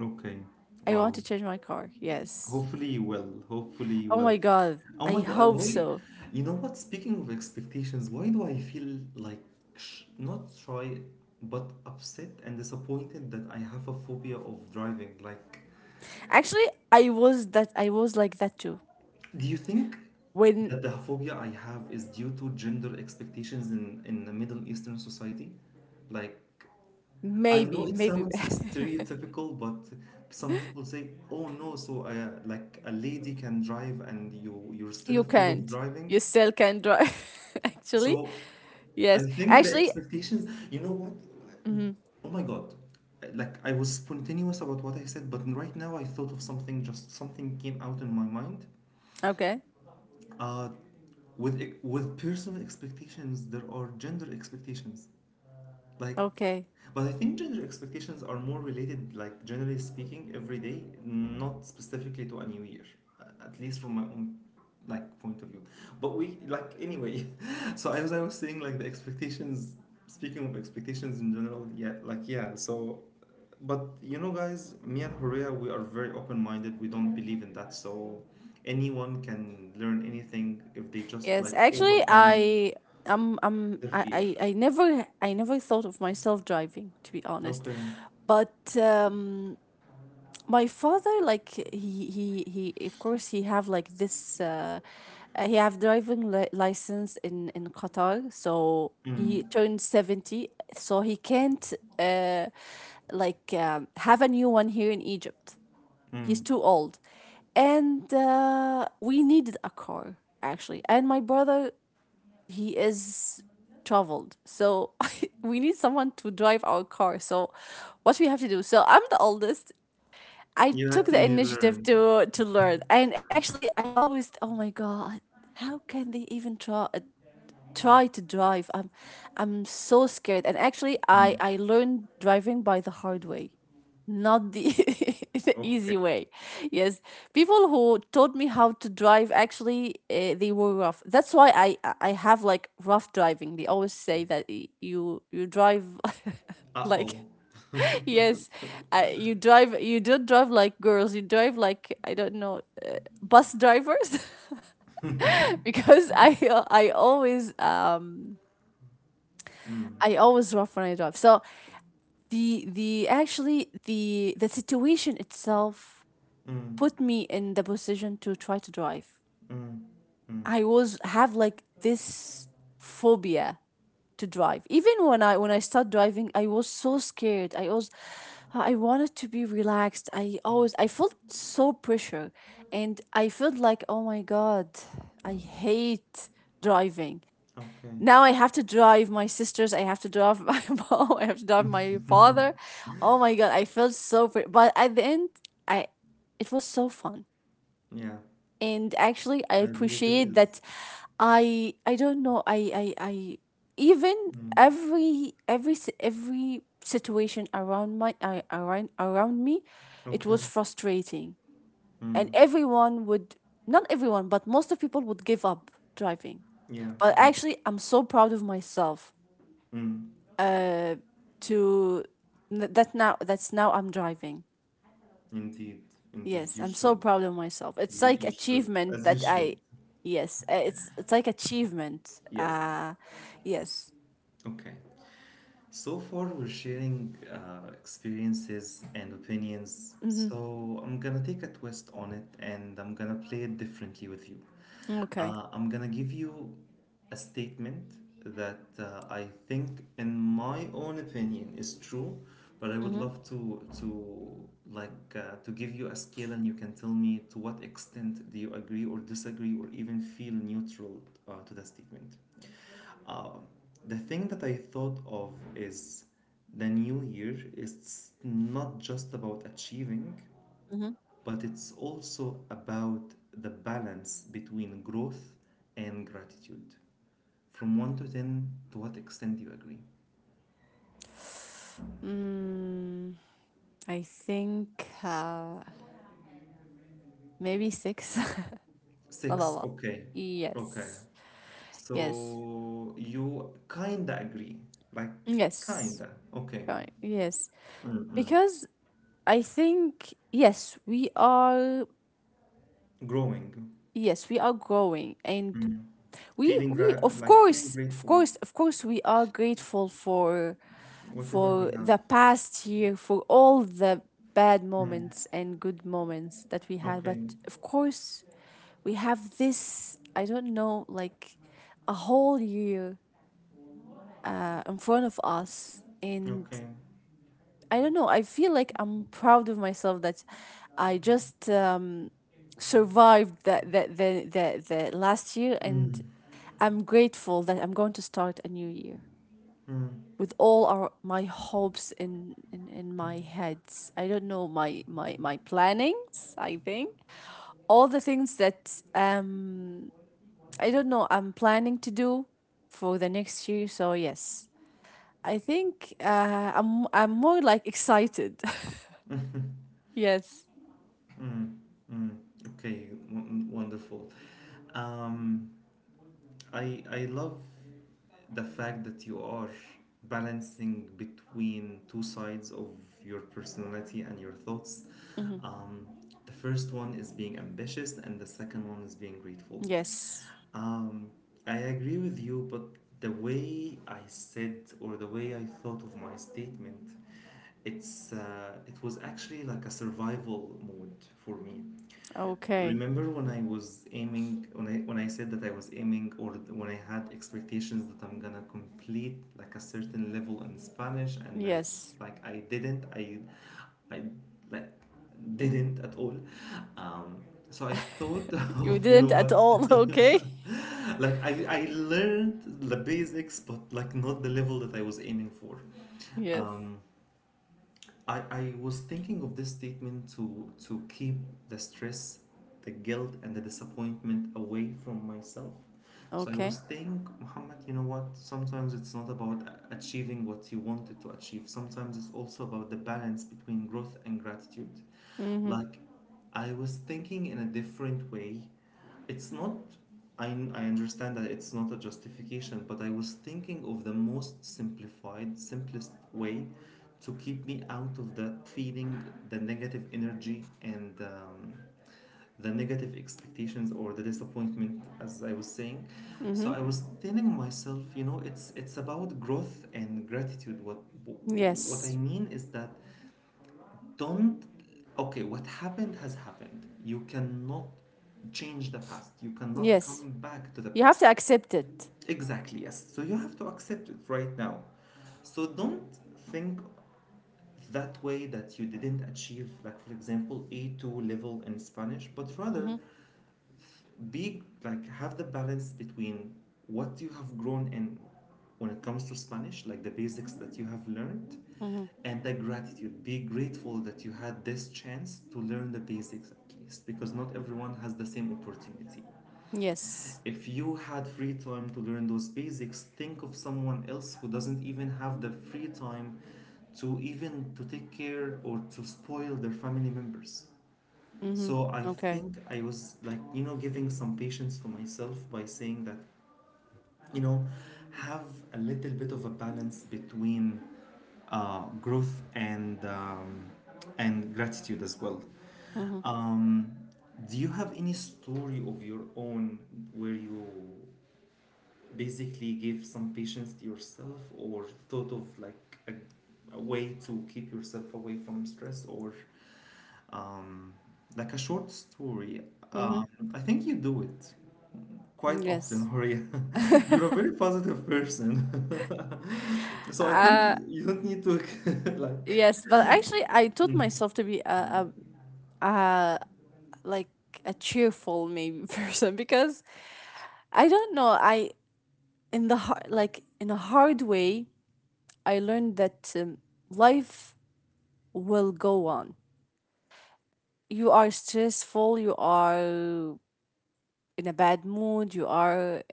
A: Okay.
B: I want
A: Wow.
B: to change my car. Yes.
A: Hopefully you will. Hopefully you
B: Oh
A: will.
B: my God.
A: Oh
B: I
A: my God,
B: hope
A: why?
B: so.
A: You know what? Speaking of expectations, why do I feel like sh not shy, but upset and disappointed that I have a phobia of driving? Like,
B: Actually, I was that I was like that too.
A: do you think
B: When?
A: that the phobia I have is due to gender expectations in the Middle Eastern society? Like, I
B: Maybe,
A: know it
B: maybe
A: sounds stereotypical, but some people say, "Oh no, so, like, a lady can drive and you're still
B: you
A: afraid of
B: can't.
A: driving."
B: You still can drive, actually.
A: So I
B: Yes,
A: think the
B: actually.
A: expectations, you know what?
B: Mhm.
A: Oh my God. Like, I was spontaneous about what I said, but right now I thought of something, just something came out in my mind.
B: Okay,
A: Uh, with personal expectations there are gender expectations, like,
B: okay.
A: but I think gender expectations are more related, like, generally speaking, every day, not specifically to a new year, at least from my own, like, point of view. But we, like, anyway. So as I was saying, like, the expectations. Speaking of expectations in general, yeah, like, yeah. So, but you know, guys, me and Horea, we are very open-minded. We don't believe in that. So anyone can learn anything if they just,
B: Yes,
A: like,
B: actually,
A: overcome
B: I
A: their
B: I,
A: fear.
B: I I never thought of myself driving, to be honest,
A: Okay.
B: but my father, like he of course he have like this he have driving li- license in Qatar. So he
A: Mm.
B: turned 70, so he can't like have a new one here in Egypt. He's
A: Mm.
B: too old, and we needed a car actually, and my brother he is traveled, so we need someone to drive our car. So what we have to do? So I'm the oldest. I
A: You
B: took
A: had to
B: the
A: need
B: initiative
A: learn.
B: to learn, and actually, I always, oh my God, how can they even try to drive? I'm so scared, and actually, I
A: Mm.
B: I learned driving by the hard way, not the the
A: Okay.
B: easy way. Yes, people who taught me how to drive actually, they were rough. That's why I have like rough driving. They always say that y- you drive
A: Uh
B: like,
A: oh.
B: yes,
A: Mm.
B: you drive. You don't drive like girls. You drive like, I don't know, bus drivers, because I always um
A: Mm.
B: I always rough when I drive. So the actually the situation itself put me in the position to try to drive.
A: Mm. Mm.
B: I was have like this phobia to drive. Even when I start driving, I was so scared. I was I wanted to be relaxed. I felt so pressure, and I felt like, oh my God, I hate driving.
A: Okay.
B: Now I have to drive my sisters, I have to drive my mom, I have to drive my father. Oh my God, I felt so pre- but at the end I, it was so fun,
A: Yeah,
B: and actually, I
A: I believe it
B: appreciate that.
A: is.
B: I don't know, I even
A: Mm.
B: every si- every situation around my around around me, it
A: Okay.
B: was frustrating, and
A: Mm.
B: everyone would, not everyone, but most of people would give up driving.
A: Yeah.
B: But
A: Mm.
B: actually, I'm so proud of myself
A: Mm.
B: to that now, that's now I'm driving.
A: Indeed. Indeed.
B: Yes,
A: You
B: I'm so
A: should.
B: proud of myself. It's like
A: You should.
B: achievement
A: As you
B: that
A: should.
B: I yes, it's like achievement.
A: Yes.
B: Yes.
A: Okay. So far, we're sharing experiences and opinions,
B: Mhm.
A: so I'm gonna take a twist on it and I'm gonna play it differently with you.
B: Okay.
A: I'm gonna give you a statement that I think, in my own opinion, is true, but I would
B: Mhm.
A: love to give you a scale and you can tell me to what extent do you agree or disagree or even feel neutral to that statement. Uh, the thing that I thought of is the new year is not just about achieving,
B: Mhm.
A: but it's also about the balance between growth and gratitude. From 1 to 10, to what extent do you agree?
B: Mm, I think maybe 6. Not a
A: 6,
B: lot.
A: okay. Okay.
B: Yes. Yes.
A: So you kinda agree. Like,
B: Yes.
A: kinda. Okay.
B: Right. Yes.
A: Mm-mm.
B: Because I think yes, we are,
A: Growing.
B: yes, we are growing, and
A: Mm.
B: we
A: Feeling
B: we
A: gra-
B: of
A: like feeling
B: course, of
A: grateful.
B: course of course we are grateful for
A: Whatever we have.
B: the past year, for all the bad
A: Mm,
B: moments and good moments that we had. But
A: okay,
B: of course we have this, I don't know, like a whole year in front of us, and
A: okay.
B: I don't know, I feel like I'm proud of myself that I just survived the last year, and
A: Mm,
B: I'm grateful that I'm going to start a new year
A: mm,
B: with all our my hopes in my heads. I don't know my plannings. I think all the things that I don't know I'm planning to do for the next year. So yes, I think I'm more like excited. yes.
A: mm, mm. Okay, wonderful. Um, I love the fact that you are balancing between two sides of your personality and your thoughts.
B: Hmm.
A: Um, the first one is being ambitious, and the second one is being grateful.
B: Yes.
A: Um, I agree with you, but the way I said, or the way I thought of my statement, it was actually like a survival mode for me.
B: Okay.
A: Remember when I said that I was aiming, or when I had expectations that I'm gonna complete like a certain level in Spanish, and I
B: Yes.
A: like I didn't I like didn't at all. Um, so I thought
B: You
A: of, you know
B: didn't at
A: what,
B: all. Okay.
A: like, I learned the basics, but like, not the level that I was aiming for.
B: Yes.
A: Um, I was thinking of this statement to keep the stress, the guilt, and the disappointment away from myself. So I
B: Okay.
A: was thinking, Muhammad, you know what? Sometimes it's not about achieving what you wanted to achieve. Sometimes it's also about the balance between growth and gratitude.
B: Mm-hmm.
A: Like, I was thinking in a different way. It's not, I, I understand that it's not a justification, but I was thinking of the most simplified, simplest way to keep me out of that feeling, the negative energy, and the negative expectations or the disappointment, as I was saying.
B: Mm-hmm.
A: So I was telling myself, you know, it's about growth and gratitude. What I
B: Yes.
A: mean is that, don't, okay, what happened has happened. You cannot change the past, you cannot
B: Yes.
A: come back to the
B: You have
A: past.
B: to accept it.
A: Exactly, yes, so you have to accept it right now. So don't think that way, that you didn't achieve, like, for example, A2 level in Spanish, but rather
B: Mm-hmm.
A: be like, have the balance between what you have grown in when it comes to Spanish, like the basics that you have learned,
B: Mm-hmm.
A: and the gratitude, be grateful that you had this chance to learn the basics, at least, because not everyone has the same opportunity.
B: Yes.
A: If you had free time to learn those basics, think of someone else who doesn't even have the free time to even to take care or to spoil their family members.
B: Mm-hmm.
A: So I
B: Okay.
A: think I was, like, you know, giving some patience to myself by saying that, you know, have a little bit of a balance between growth and gratitude as well.
B: Mm-hmm.
A: Um, do you have any story of your own where you basically gave some patience to yourself, or thought of like a way to keep yourself away from stress or um, like a short story?
B: Mm-hmm.
A: Um, I think you do it quite often,
B: Yes.
A: Horia. You're a very positive person. So I think you don't need to like.
B: yes. But actually, I taught myself to be a like a cheerful maybe person because I don't know. I in the hard, like in a hard way, I learned that life will go on. You are stressful. You are in a bad mood. You are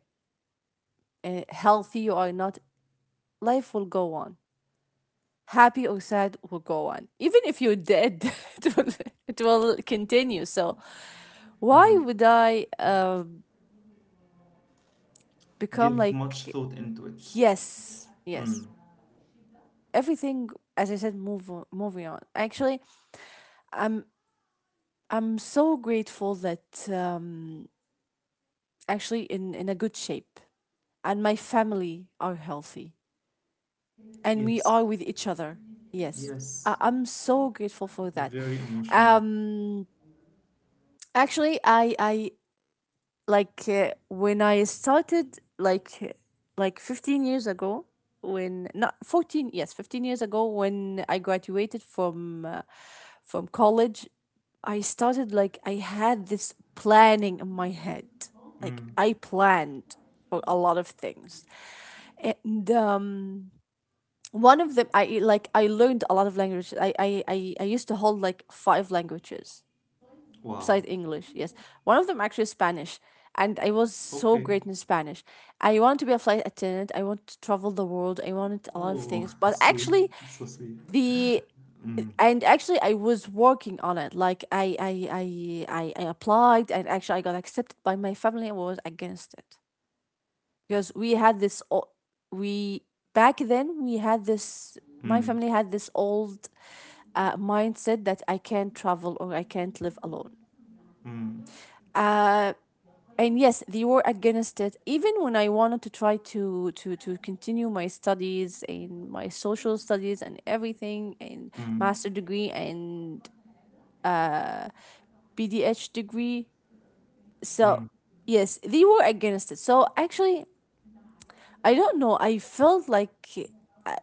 B: healthy, you are not, life will go on. Happy or sad, will go on. Even if you're dead, it will, it will continue. So why
A: Mm.
B: would I become
A: Give much
B: like,
A: thought into it.
B: yes,
A: Mm.
B: yes? Everything, as I said, move moving on. Actually, I'm I'm so grateful that actually in a good shape, and my family are healthy, and we
A: Yes,
B: are with each other. Yes,
A: yes,
B: I'm so grateful for that.
A: very emotional.
B: Um, actually, I like when I started like 15 years ago, when not 14, yes, 15 years ago, when I graduated from college, I started like I had this planning in my head, like
A: Mm.
B: I planned for a lot of things, and one of them, I learned a lot of languages. I used to hold like 5 languages
A: Wow.
B: besides English. Yes, one of them actually is Spanish, and I was so
A: Okay.
B: great in Spanish. I wanted to be a flight attendant. I wanted to travel the world. I wanted a lot of
A: Oh,
B: things, but
A: sweet,
B: actually
A: so sweet.
B: the,
A: Mm.
B: and actually I was working on it, like I applied, and actually I got accepted, by my family and was against it. Because we had this o- we back then we had this, my
A: Mm.
B: family had this old mindset that I can't travel or I can't live alone.
A: Mm.
B: Uh, and yes, they were against it. Even when I wanted to try to continue my studies and my social studies and everything, and
A: Mm.
B: master degree and BDH degree, so
A: Mm.
B: yes, they were against it. So actually, I don't know. I felt like, I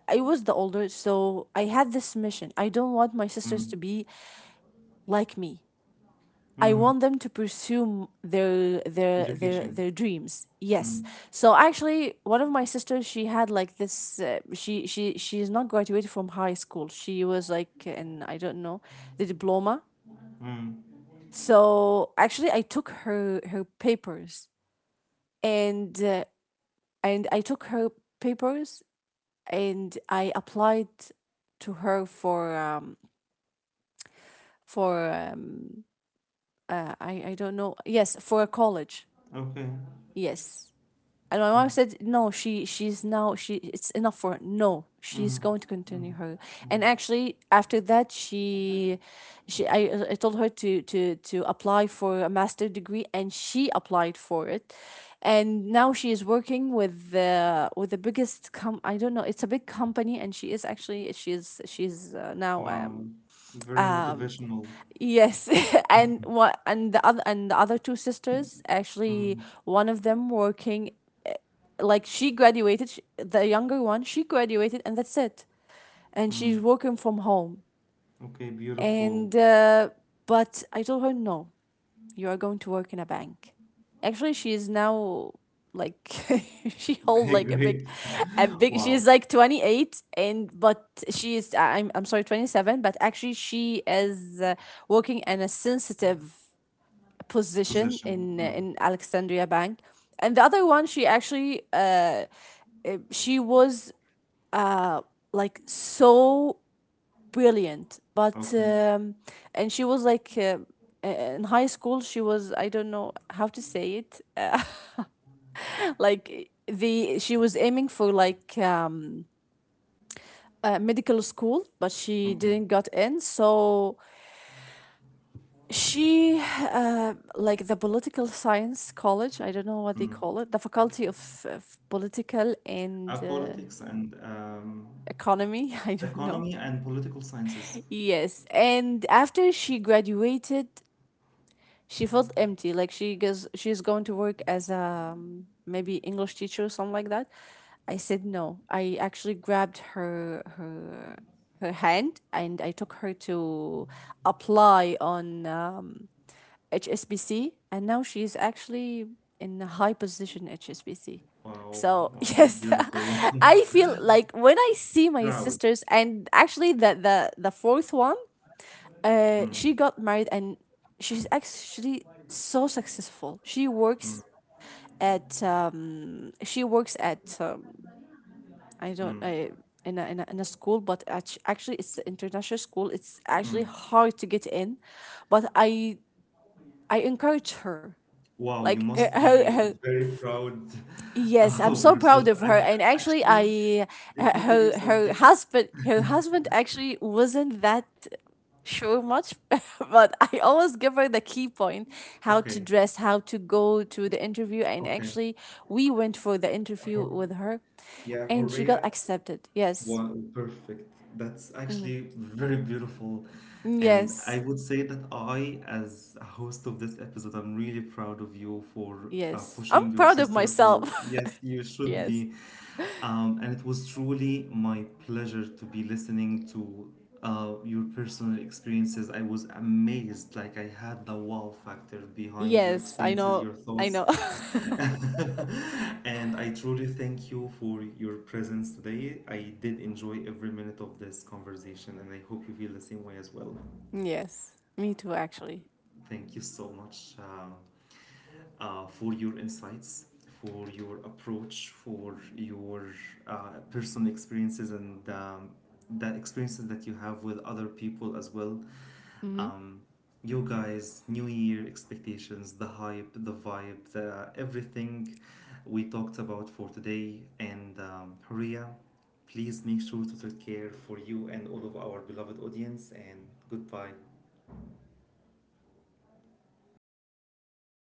B: I was the older, so I had this mission. I don't want my sisters
A: Mm.
B: to be like me. I
A: Mm.
B: want them to pursue
A: Education.
B: their dreams. Yes.
A: Mm.
B: So actually, one of my sisters, she had like this. She's not graduated from high school. She was like in, I don't know, the diploma.
A: Mm.
B: So actually, I took her papers, and I took her papers, and I applied to her for for um I don't know, yes, for a college,
A: Okay.
B: yes. And my
A: Mm.
B: mom said, "No, she she's now she, it's enough for her. No, she's
A: Mm.
B: going to
A: Mm.
B: continue her." And actually, after that, she I told her to apply for a master degree, and she applied for it. And now she is working with the biggest com, I don't know, it's a big company, and she is actually she's now
A: Wow. Very
B: um
A: motivational.
B: yes, and what and the other two sisters actually,
A: Mm.
B: one of them working, like she graduated sh, the younger one, she graduated and that's it, and she's working from home,
A: Okay, beautiful.
B: and but I told her no, you are going to work in a bank. Actually, she is now, like she holds
A: Okay,
B: like a big,
A: great.
B: she
A: Wow.
B: is like 28 and, but she is I'm sorry, 27. But actually she is working in a sensitive position
A: Position. Mm.
B: in Alexandria Bank. And the other one, she actually she was uh like so brilliant, but
A: Okay.
B: and she was like in high school, she was, I don't know how to say it, like the, she was aiming for like medical school, but she
A: Okay.
B: didn't got in. So she like the political science college, I don't know what they
A: Mm.
B: call it, the faculty of political and
A: Politics and
B: economy I don't know.
A: economy and political sciences.
B: Yes, and after she graduated, she felt empty. Like she goes, she's going to work as a maybe English teacher or something like that. I said no. I actually grabbed her hand, and I took her to apply on HSBC, and now she's actually in a high position HSBC.
A: Wow,
B: So
A: wow,
B: yes,
A: beautiful.
B: I feel like when I see my
A: Proud.
B: sisters, and actually the fourth one
A: Mm,
B: she got married, and she's actually so successful.
A: mm,
B: She works at I don't
A: mm,
B: I, in a, in a, in a school, but act- actually it's an international school. It's actually
A: mm.
B: hard to get in, but I encourage her.
A: Wow, you
B: Like
A: must be
B: her,
A: very proud
B: yes, I'm
A: of
B: so
A: yourself.
B: proud of
A: I,
B: her. And actually,
A: actually,
B: I
A: let me tell you
B: her her
A: something.
B: her husband, actually wasn't that sure much, but I always give her the key point: how to
A: Okay,
B: dress, how to go to the interview. And
A: okay.
B: actually, we went for the interview
A: Hor-
B: with her,
A: yeah,
B: and she got
A: Horea.
B: accepted. Yes.
A: One, perfect. That's
B: Mhm.
A: actually very beautiful. And I
B: Yes,
A: would say that I, as a host of this episode, I'm really proud of you for
B: yes. I'm
A: pushing your
B: proud of
A: sister for,
B: myself.
A: yes, you should
B: yes,
A: be. And it was truly my pleasure to be listening to your personal experiences. I was amazed. Like, I had the wow factor behind your
B: yes. I
A: experiences,
B: know.
A: your
B: I
A: thoughts.
B: know.
A: And I truly thank you for your presence today. I did enjoy every minute of this conversation, and I hope you feel the same way as well.
B: yes, me too. Actually.
A: Thank you so much, for your insights, for your approach, for your personal experiences, and the experiences that you have with other people as well.
B: Mm-hmm.
A: um, you guys, New Year expectations, the hype, the vibe, the, everything we talked about for today. And Horia, please make sure to take care for you and all of our beloved audience. And goodbye.